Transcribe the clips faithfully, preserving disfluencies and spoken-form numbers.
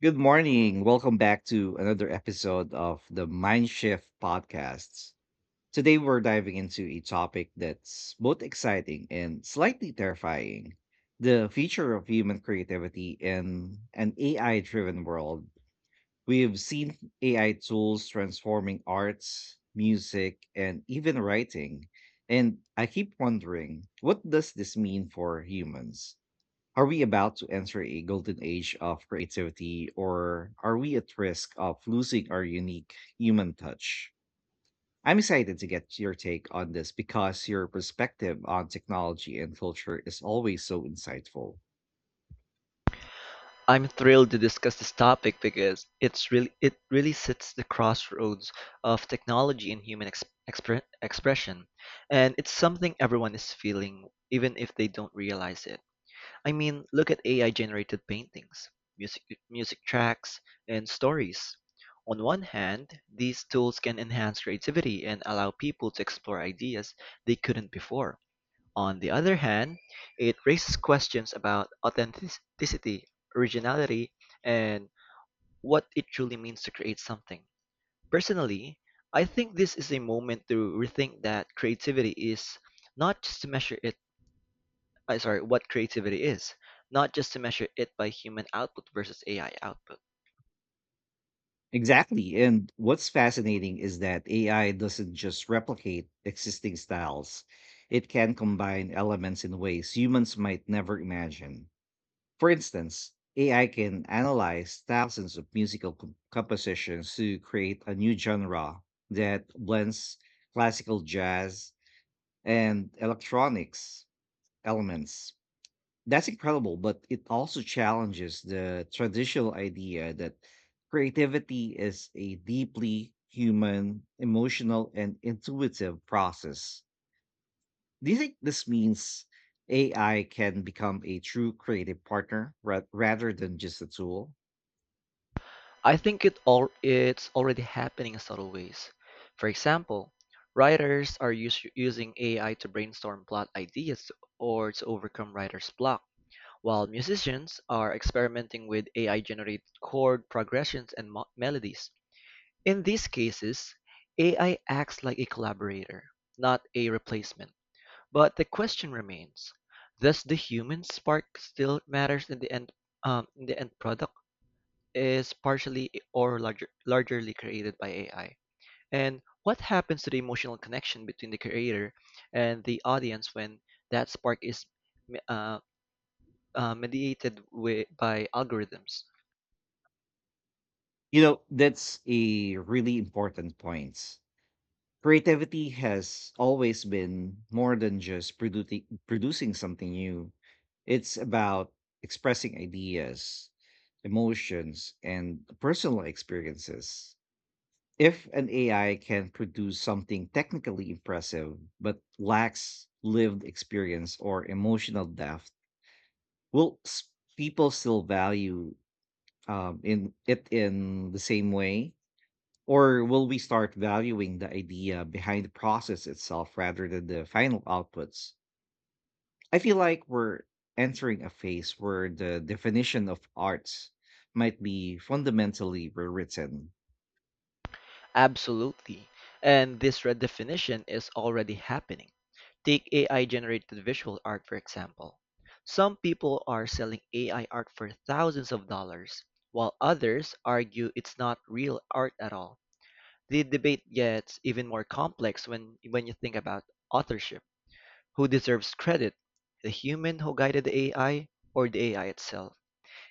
Good morning. Welcome back to another episode of the Mind Shift podcasts. Today we're diving into a topic that's both exciting and slightly terrifying, the future of human creativity in an A I driven world. We've seen A I tools transforming arts, music, and even writing. And I keep wondering, what does this mean for humans? Are we about to enter a golden age of creativity, or are we at risk of losing our unique human touch? I'm excited to get your take on this because your perspective on technology and culture is always so insightful. I'm thrilled to discuss this topic because it's really it really sits the crossroads of technology and human ex- expre- expression, and it's something everyone is feeling, even if they don't realize it. I mean, look at A I-generated paintings, music music tracks, and stories. On one hand, these tools can enhance creativity and allow people to explore ideas they couldn't before. On the other hand, it raises questions about authenticity, originality, and what it truly means to create something. Personally, I think this is a moment to rethink that creativity is not just to measure it, I sorry, what creativity is, not just to measure it by human output versus A I output. Exactly. And what's fascinating is that A I doesn't just replicate existing styles, it can combine elements in ways humans might never imagine. For instance, A I can analyze thousands of musical com- compositions to create a new genre that blends classical jazz and electronics elements. That's incredible, but it also challenges the traditional idea that creativity is a deeply human, emotional, and intuitive process. Do you think this means A I can become a true creative partner ra- rather than just a tool? I think it all it's already happening in subtle ways. For example, writers are us- using A I to brainstorm plot ideas or to overcome writer's block, while musicians are experimenting with A I-generated chord progressions and mo- melodies. In these cases, A I acts like a collaborator, not a replacement. But the question remains: does the human spark still matters in the end? Um, in the end product? Is partially or larger, largely created by A I? And what happens to the emotional connection between the creator and the audience when that spark is uh, uh, mediated with, by algorithms? You know, that's a really important point. Creativity has always been more than just producing producing something new. It's about expressing ideas, emotions, and personal experiences. If an A I can produce something technically impressive but lacks lived experience or emotional depth, will s- people still value um, in it in the same way? Or will we start valuing the idea behind the process itself rather than the final outputs? I feel like we're entering a phase where the definition of arts might be fundamentally rewritten. Absolutely. And this redefinition is already happening. Take A I generated visual art, for example. Some people are selling A I art for thousands of dollars, while others argue it's not real art at all. The debate gets even more complex when when you think about authorship. Who deserves credit? The human who guided the A I or the A I itself?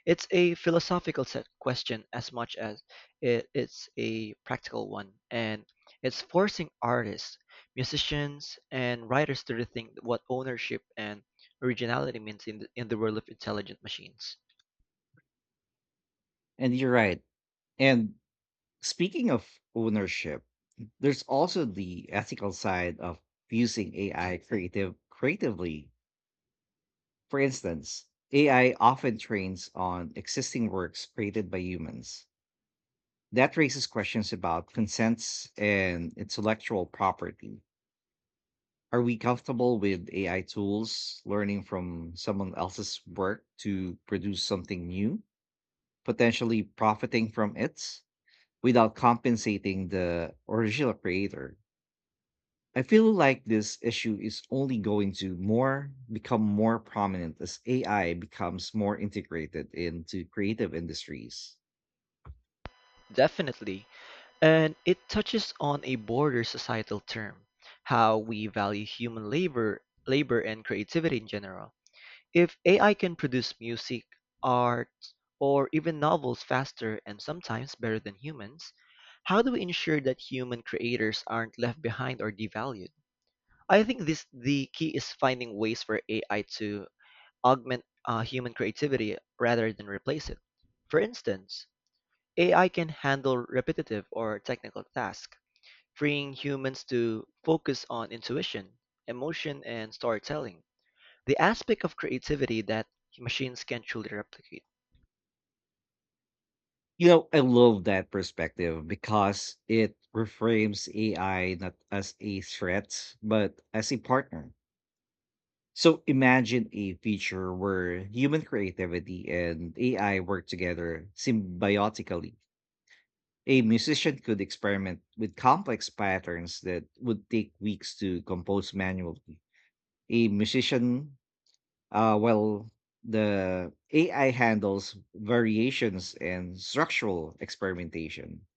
It's a philosophical set question as much as it, it's a practical one, and it's forcing artists, musicians, and writers to rethink what ownership and originality means in the, in the world of intelligent machines. And you're right. And speaking of ownership, there's also the ethical side of using A I creative creatively. For instance, A I often trains on existing works created by humans. That raises questions about consents and intellectual property. Are we comfortable with A I tools learning from someone else's work to produce something new, potentially profiting from it without compensating the original creator? I feel like this issue is only going to more become more prominent as A I becomes more integrated into creative industries. Definitely. And it touches on a broader societal term, how we value human labor, labor and creativity in general. If A I can produce music, art, or even novels faster and sometimes better than humans, how do we ensure that human creators aren't left behind or devalued? I think this the key is finding ways for A I to augment uh, human creativity rather than replace it. For instance, A I can handle repetitive or technical tasks, freeing humans to focus on intuition, emotion, and storytelling, the aspect of creativity that machines can truly replicate. You know, I love that perspective because it reframes A I not as a threat, but as a partner. So imagine a future where human creativity and A I work together symbiotically. A musician could experiment with complex patterns that would take weeks to compose manually. A musician, uh, well, the A I handles variations and structural experimentation.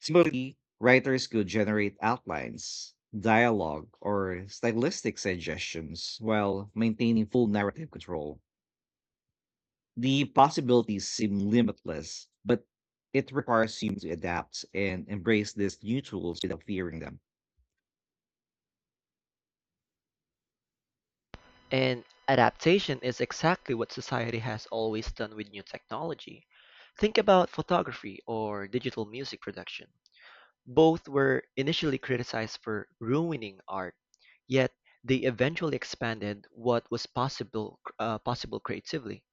Similarly, writers could generate outlines, dialogue, or stylistic suggestions while maintaining full narrative control. The possibilities seem limitless, but it requires you to adapt and embrace these new tools without fearing them. And adaptation is exactly what society has always done with new technology. Think about photography or digital music production. Both were initially criticized for ruining art, yet they eventually expanded what was possible uh, possible creatively.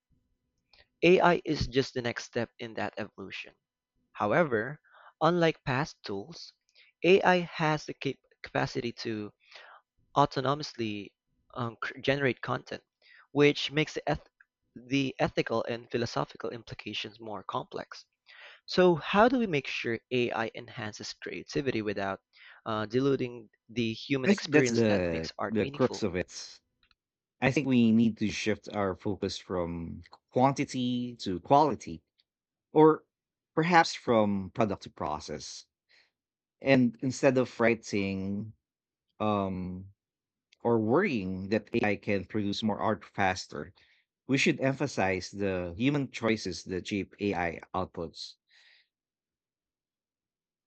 A I is just the next step in that evolution. However, unlike past tools, A I has the cap- capacity to autonomously um, cr- generate content, which makes the, eth- the ethical and philosophical implications more complex. So, how do we make sure A I enhances creativity without uh, diluting the human I think that's experience that the makes art the crux meaningful? of it. I think we need to shift our focus from quantity to quality, or perhaps from product to process. And instead of writing um, or worrying that A I can produce more art faster, we should emphasize the human choices that shape A I outputs.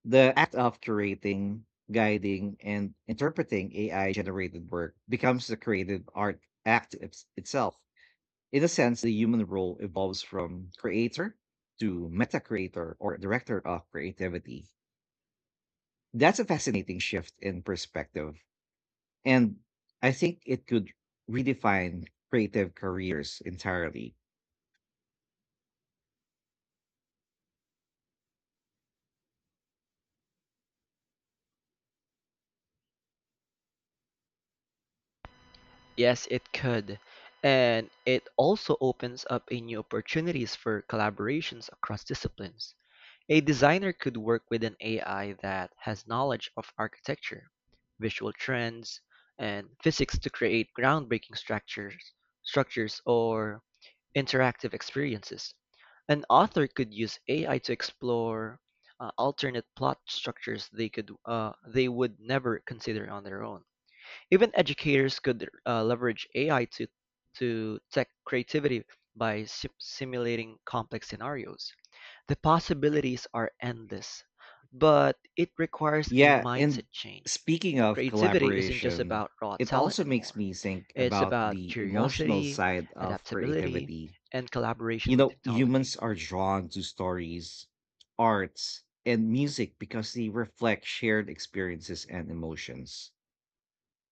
The act of curating, guiding, and interpreting A I generated work becomes the creative art act its- itself. In a sense, the human role evolves from creator to meta creator or director of creativity. That's a fascinating shift in perspective. And I think it could redefine creative careers entirely. Yes, it could. And it also opens up a new opportunities for collaborations across disciplines. A designer could work with an A I that has knowledge of architecture, visual trends, and physics to create groundbreaking structures, structures or interactive experiences. An author could use A I to explore uh, alternate plot structures they could uh, they would never consider on their own. Even educators could uh, leverage A I to to tech creativity by sim- simulating complex scenarios. The possibilities are endless, but it requires a Yeah, and mindset change. speaking of Creativity isn't just collaboration, about raw it talent also makes anymore. me think It's about about the emotional curiosity, side of adaptability, creativity. and You collaboration with know, humans technology. are drawn to stories, arts, and music because they reflect shared experiences and emotions.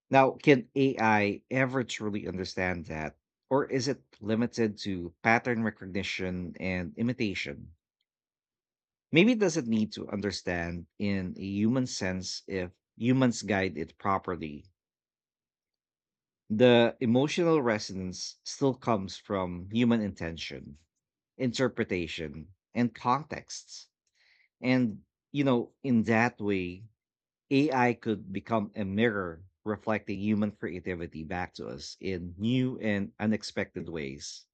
Now, can A I ever truly understand that? Or is it limited to pattern recognition and imitation? Maybe it doesn't need to understand in a human sense if humans guide it properly. The emotional resonance still comes from human intention, interpretation, and contexts. And, you know, in that way, A I could become a mirror reflecting human creativity back to us in new and unexpected ways.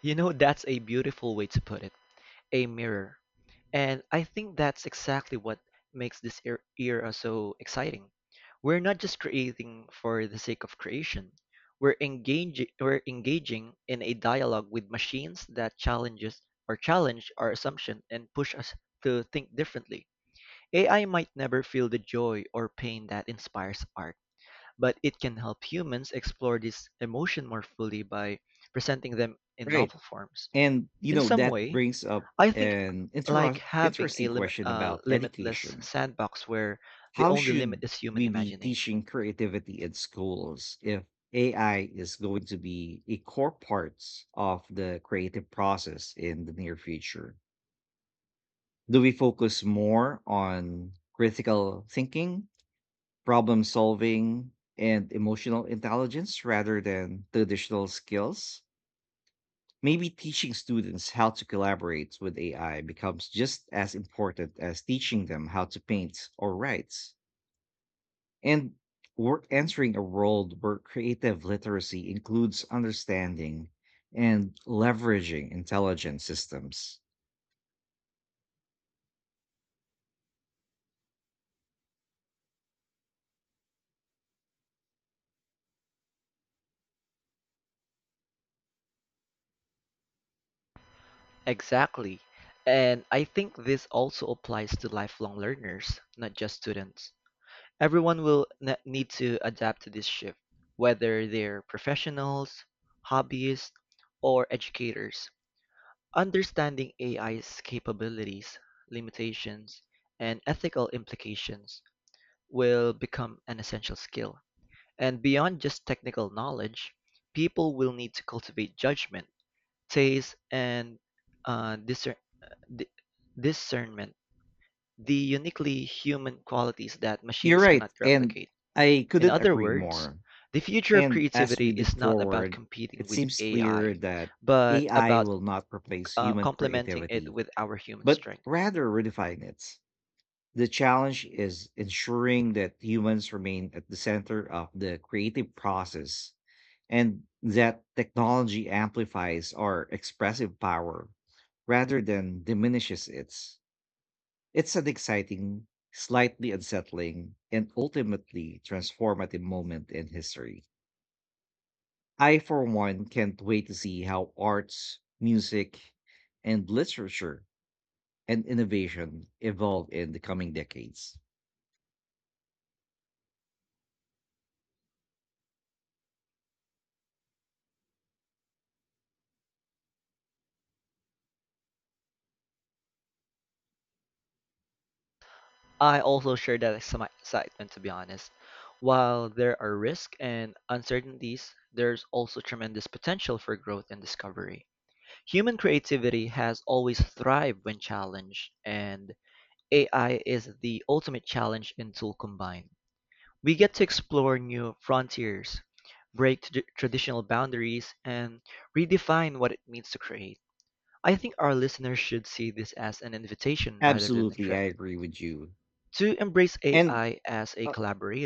You know, that's a beautiful way to put it. A mirror. And I think that's exactly what makes this er- era so exciting. We're not just creating for the sake of creation. We're engaging we're engaging in a dialogue with machines that challenges or challenge our assumption and push us to think differently. A I might never feel the joy or pain that inspires art, but it can help humans explore this emotion more fully by presenting them in Right. novel forms. And, you In know, some that way, brings up I think an like inter- having a interesting lim- question uh, about limitless education. sandbox where the How only limit should is human we be imagination. teaching creativity in schools if A I is going to be a core part of the creative process in the near future? Do we focus more on critical thinking, problem solving, and emotional intelligence rather than traditional skills? Maybe teaching students how to collaborate with A I becomes just as important as teaching them how to paint or write. And we're entering a world where creative literacy includes understanding and leveraging intelligent systems. Exactly. And I think this also applies to lifelong learners, not just students. Everyone will ne- need to adapt to this shift, whether they're professionals, hobbyists, or educators. Understanding AI's capabilities, limitations, and ethical implications will become an essential skill. And beyond just technical knowledge, people will need to cultivate judgment, taste, and uh, discer- di- discernment, the uniquely human qualities that You're machines right. cannot And replicate. I In couldn't other agree words, more. the future of And as creativity we look is not about forward, competing it with seems clear A I, that but A I about will not replace uh, human complementing it creativity, with our human but strength. rather redefine it. The challenge is ensuring that humans remain at the center of the creative process and that technology amplifies our expressive power rather than diminishes its. It's an exciting, slightly unsettling, and ultimately transformative moment in history. I, for one, can't wait to see how arts, music, and literature and innovation evolve in the coming decades. I also share that exci- excitement, to be honest. While there are risks and uncertainties, there's also tremendous potential for growth and discovery. Human creativity has always thrived when challenged, and A I is the ultimate challenge and tool combined. We get to explore new frontiers, break trad- traditional boundaries, and redefine what it means to create. I think our listeners should see this as an invitation rather than a Absolutely, I threat agree with you. to embrace And A I as a Uh,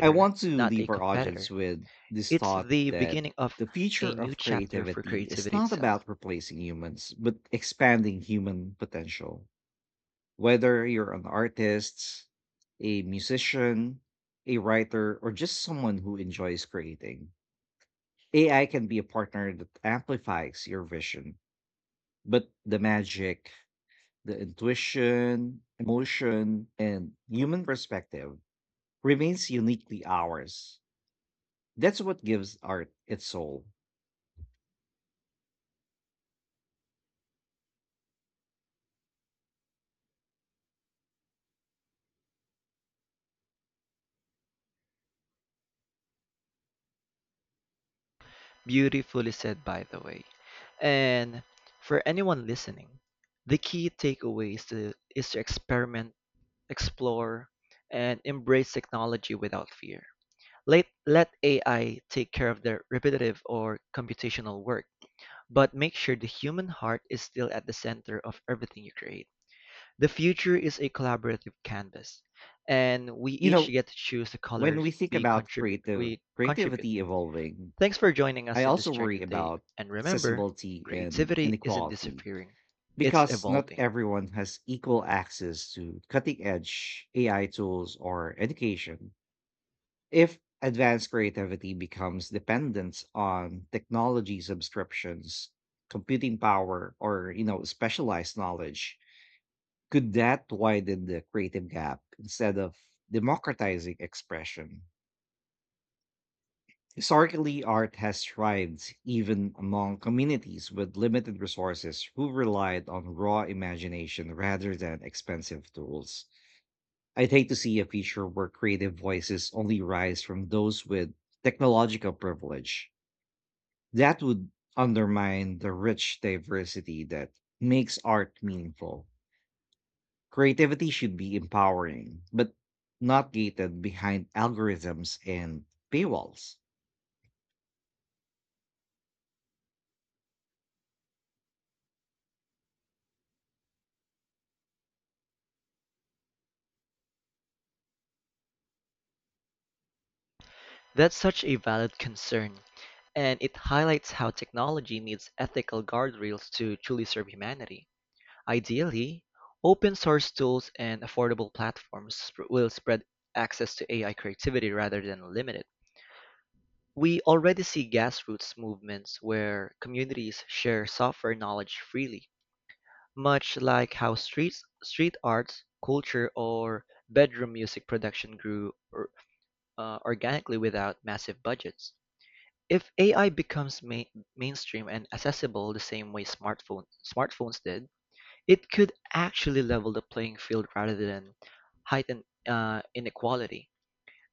I want to not a leave our audience competitor. with this It's thought, the that beginning of the future a new of chapter for creativity is creativity not itself. about replacing humans, but expanding human potential. Whether you're an artist, a musician, a writer, or just someone who enjoys creating, A I can be a partner that amplifies your vision. But the magic, the intuition, emotion, and human perspective remains uniquely ours. That's what gives art its soul. Beautifully said, by the way. And for anyone listening, the key takeaway is to, is to experiment, explore, and embrace technology without fear. Let let A I take care of the repetitive or computational work, but make sure the human heart is still at the center of everything you create. The future is a collaborative canvas, and we You each know, get to choose the when colors we think we about contribute. creative We contribute. creativity evolving, Thanks for joining I us in this also journey worry today, about and remember, accessibility and creativity isn't inequality disappearing; it's because not evolving. everyone has equal access to cutting edge A I tools or education. If advanced creativity becomes dependent on technology subscriptions, computing power, or you know, specialized knowledge, could that widen the creative gap instead of democratizing expression? Historically, art has thrived even among communities with limited resources who relied on raw imagination rather than expensive tools. I'd hate to see a future where creative voices only rise from those with technological privilege. That would undermine the rich diversity that makes art meaningful. Creativity should be empowering, but not gated behind algorithms and paywalls. That's such a valid concern, and it highlights how technology needs ethical guardrails to truly serve humanity. Ideally, open source tools and affordable platforms sp- will spread access to A I creativity rather than limit it. We already see grassroots movements where communities share software knowledge freely, much like how streets, street arts, culture, or bedroom music production grew or, uh, organically without massive budgets. If A I becomes ma- mainstream and accessible the same way smartphone smartphones did, it could actually level the playing field rather than heighten uh, inequality.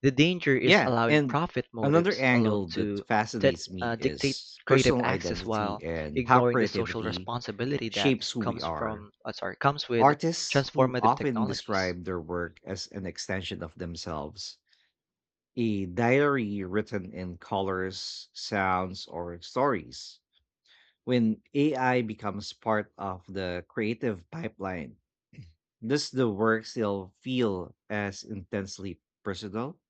The danger is Yeah, allowing and profit another motives alone angle that to that, fascinates uh, me dictate is creative personal access identity while and how ignoring the social creativity responsibility that shapes who we comes are. from uh, sorry comes with Artists who transformative often technologies. describe their work as an extension of themselves, a diary written in colors, sounds, or stories. When A I becomes part of the creative pipeline, does the work still feel as intensely personal?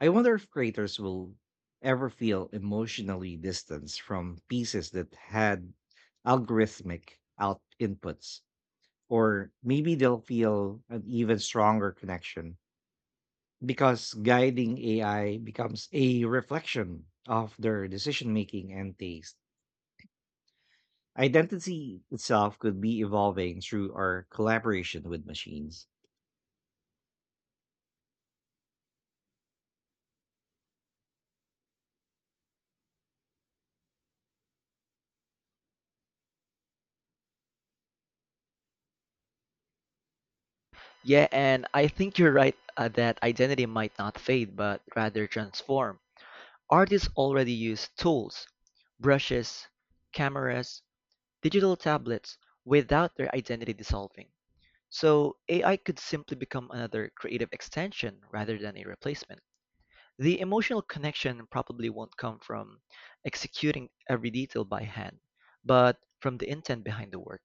I wonder if creators will ever feel emotionally distanced from pieces that had algorithmic out inputs, or maybe they'll feel an even stronger connection because guiding A I becomes a reflection of their decision making and taste. Identity itself could be evolving through our collaboration with machines. Yeah, and I think you're right uh, that identity might not fade but rather transform. Artists already use tools, brushes, cameras, digital tablets without their identity dissolving. So A I could simply become another creative extension rather than a replacement. The emotional connection probably won't come from executing every detail by hand, but from the intent behind the work.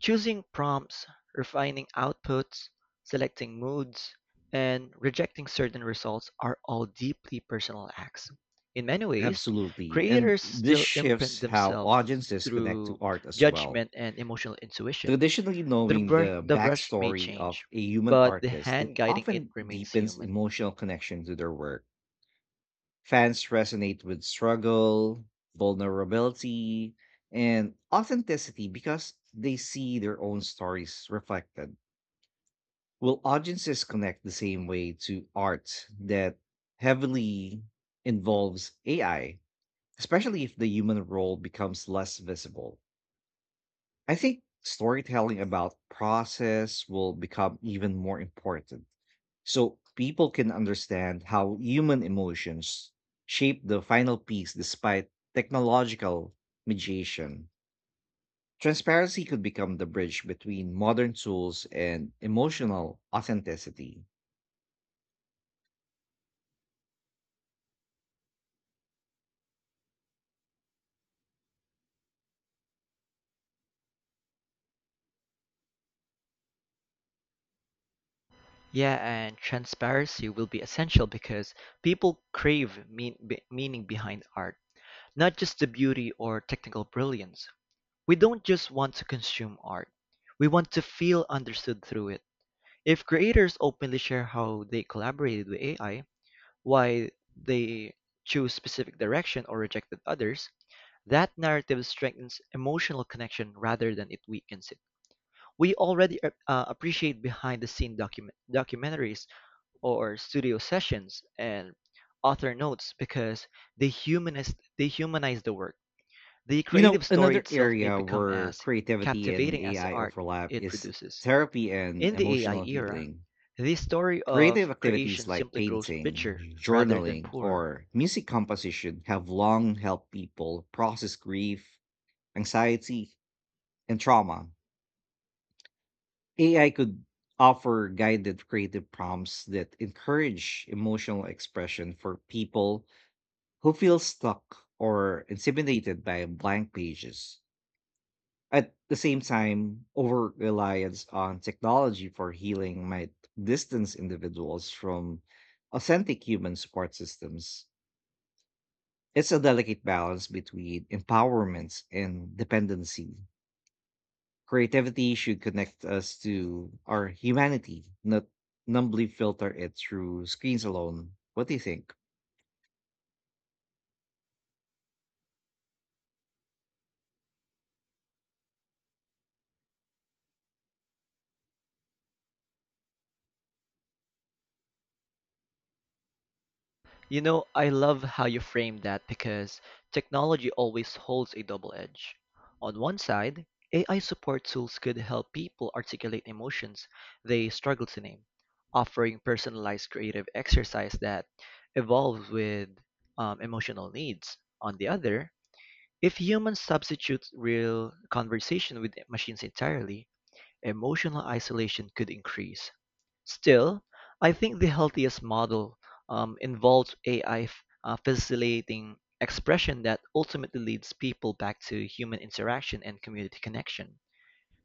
Choosing prompts, refining outputs, selecting moods, and rejecting certain results are all deeply personal acts. In many ways, Absolutely. And creators this still imprint shifts how themselves audiences connect to through art as well. judgment and emotional intuition. Traditionally, The knowing brush, the the brush may backstory of change, a human but the artist it hand guiding it often remains deepens human. emotional connection to their work. Fans resonate with struggle, vulnerability, and authenticity because they see their own stories reflected. Will audiences connect the same way to art that heavily involves A I, especially if the human role becomes less visible? I think storytelling about process will become even more important, so people can understand how human emotions shape the final piece despite technological mediation. Transparency could become the bridge between modern tools and emotional authenticity. Yeah, and transparency will be essential because people crave mean, be- meaning behind art, not just the beauty or technical brilliance. We don't just want to consume art. We want to feel understood through it. If creators openly share how they collaborated with A I, why they choose specific direction or rejected others, that narrative strengthens emotional connection rather than it weakens it. We already uh, uh, appreciate behind the scene document documentaries or studio sessions and author notes because they humanize they humanize the work. The You know, creative story another itself may area become where as creativity and captivating as the A I art overlap it is produces. therapy and In the A I emotional era, healing. the story Creative of activities creation like simply grows painting, richer rather than journaling, poorer. or music composition have long helped people process grief, anxiety, and trauma. A I could offer guided creative prompts that encourage emotional expression for people who feel stuck or intimidated by blank pages. At the same time, over reliance on technology for healing might distance individuals from authentic human support systems. It's a delicate balance between empowerments and dependency. Creativity should connect us to our humanity, not numbly filter it through screens alone. What do you think? You know, I love how you framed that because technology always holds a double edge. On one side, A I support tools could help people articulate emotions they struggle to name, offering personalized creative exercise that evolves with um, emotional needs. On the other, if humans substitute real conversation with machines entirely, emotional isolation could increase. Still, I think the healthiest model um, involves A I uh, facilitating expression that ultimately leads people back to human interaction and community connection.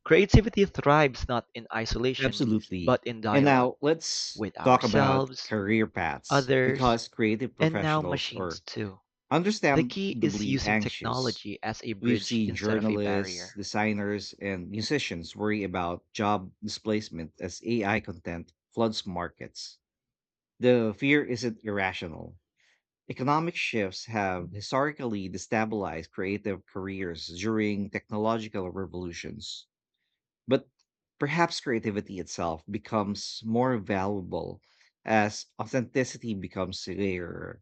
Creativity thrives not in isolation, but Absolutely. in And dialogue now let's with talk about ourselves, career paths others, because creative and now professionals machines are too. The key is understandably using anxious. technology as a We've bridge seen instead of a journalists, barrier. designers, and musicians worry about job displacement as A I content floods markets. The fear isn't irrational. Economic shifts have historically destabilized creative careers during technological revolutions. But perhaps creativity itself becomes more valuable as authenticity becomes rarer.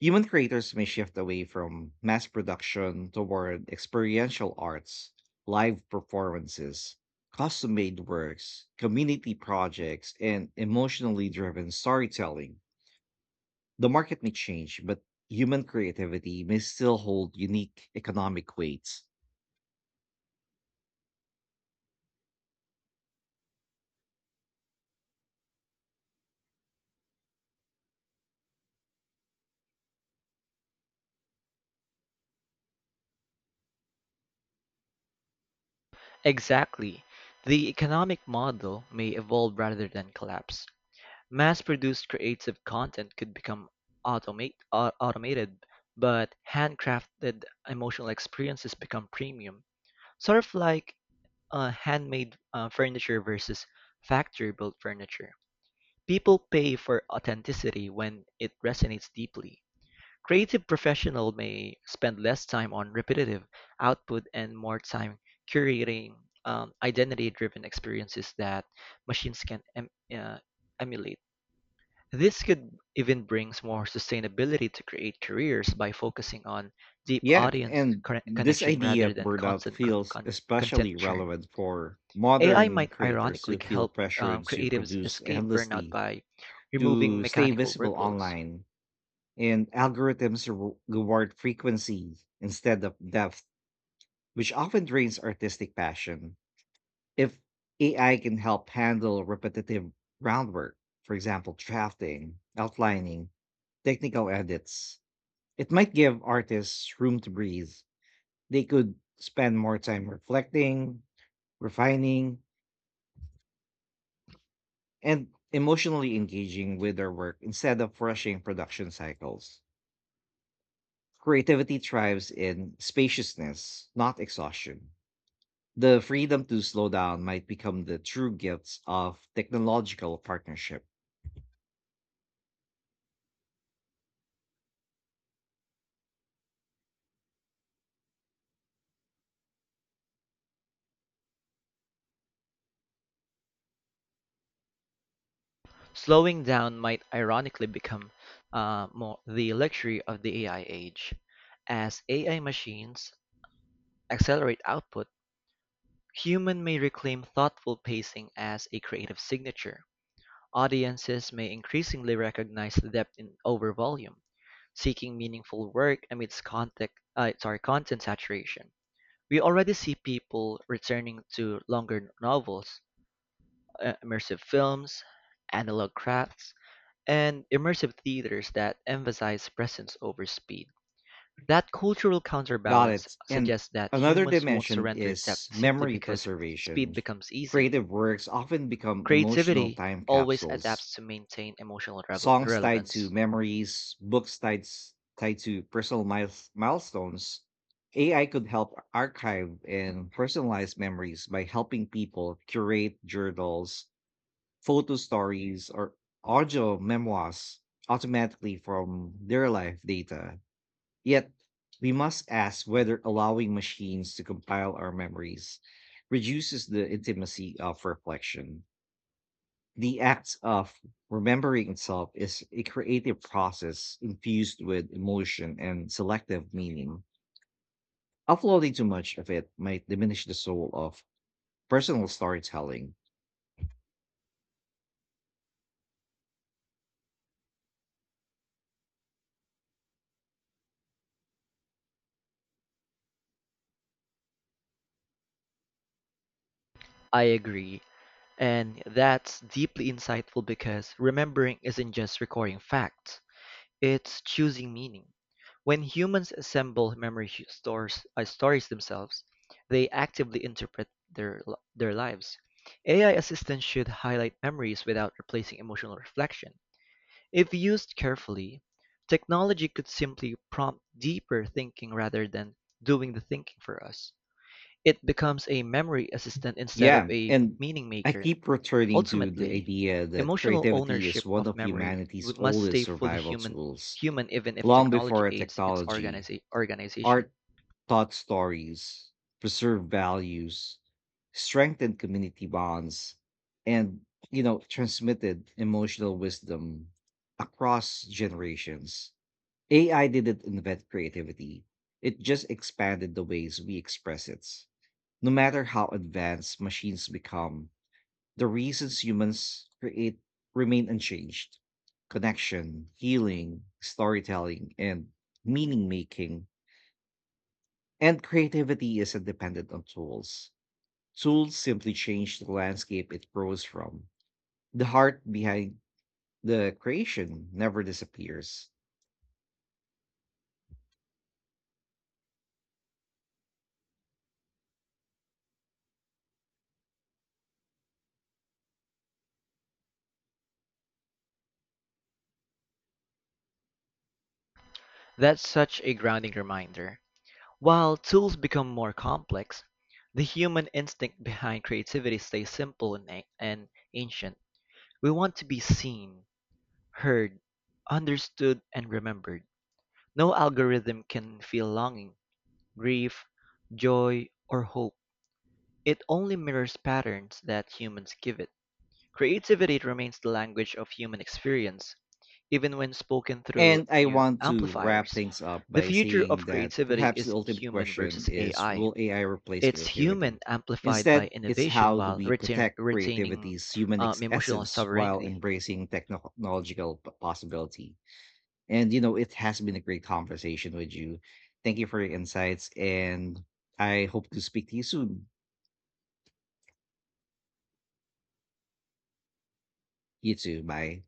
Human creators may shift away from mass production toward experiential arts, live performances, custom made works, community projects, and emotionally driven storytelling. The market may change, but human creativity may still hold unique economic weights. Exactly. The economic model may evolve rather than collapse. Mass-produced creative content could become automate, au- automated, but handcrafted emotional experiences become premium. Sort of like uh, handmade uh, furniture versus factory-built furniture. People pay for authenticity when it resonates deeply. Creative professionals may spend less time on repetitive output and more time curating um, identity-driven experiences that machines can em- uh, emulate. This could even brings more sustainability to create careers by focusing on deep Yeah, audience and conne- this connection idea rather of than burnout constant co- feels con- content especially churn. relevant for A I modern might creators ironically who feel help um, pressured to creatives produce escape burnout endlessly by removing to stay mechanical visible workloads. online. And algorithms re- reward frequency instead of depth, which often drains artistic passion. If A I can help handle repetitive groundwork, for example, drafting, outlining, technical edits, it might give artists room to breathe. They could spend more time reflecting, refining, and emotionally engaging with their work instead of rushing production cycles. Creativity thrives in spaciousness, not exhaustion. The freedom to slow down might become the true gifts of technological partnership. Slowing down might ironically become uh, more the luxury of the A I age. As A I machines accelerate output, human may reclaim thoughtful pacing as a creative signature. Audiences may increasingly recognize depth in over volume, seeking meaningful work amidst content, uh, sorry, content saturation. We already see people returning to longer novels, uh, immersive films, analog crafts, and immersive theaters that emphasize presence over speed. That cultural Got counterbalance it. And suggests that another humans won't dimension surrender is depth simply memory because preservation. speed becomes easy. Creative works often become emotional Creativity time always capsules. adapts to maintain emotional revel- Songs tied to relevance. memories, books tied s- tied to personal miles, milestones. A I could help archive and personalize memories by helping people curate journals, photo stories, or audio memoirs automatically from their life data. Yet, we must ask whether allowing machines to compile our memories reduces the intimacy of reflection. The act of remembering itself is a creative process infused with emotion and selective meaning. Uploading too much of it might diminish the soul of personal storytelling. I agree, and that's deeply insightful because remembering isn't just recording facts. It's choosing meaning. When humans assemble memory hu- stores uh, stories themselves, they actively interpret their l- their lives. A I assistants should highlight memories without replacing emotional reflection. If used carefully, technology could simply prompt deeper thinking rather than doing the thinking for us. It becomes a memory assistant instead of Yeah, a and meaning I maker. keep returning to the Ultimately, idea that emotional creativity is ownership one of of memory humanity's w- must oldest stay fully survival human, tools. human even if Long technology before aids its technology, organiza- organization. art taught stories, preserved values, strengthened community bonds, and you know, transmitted emotional wisdom across generations. A I didn't invent creativity. It just expanded the ways we express it. No matter how advanced machines become, the reasons humans create remain unchanged. Connection, healing, storytelling, and meaning making, and creativity isn't dependent on tools. Tools simply change the landscape it grows from. The heart behind the creation never disappears. That's such a grounding reminder. While tools become more complex, the human instinct behind creativity stays simple and, a- and ancient. We want to be seen, heard, understood, and remembered. No algorithm can feel longing, grief, joy, or hope. It only mirrors patterns that humans give it. Creativity remains the language of human experience, even when spoken through And I new want to wrap amplifiers. things up The by future saying of that creativity perhaps the isn't ultimate human question versus is, A I. will A I replace It's human creativity? amplified by Instead, it's innovation how do while we retain- protect retaining creativity's human um, ex- emotional essence while sovereignty. embracing technological p- possibility? And you know, it has been a great conversation with you. Thank you for your insights, and I hope to speak to you soon. You too. Bye.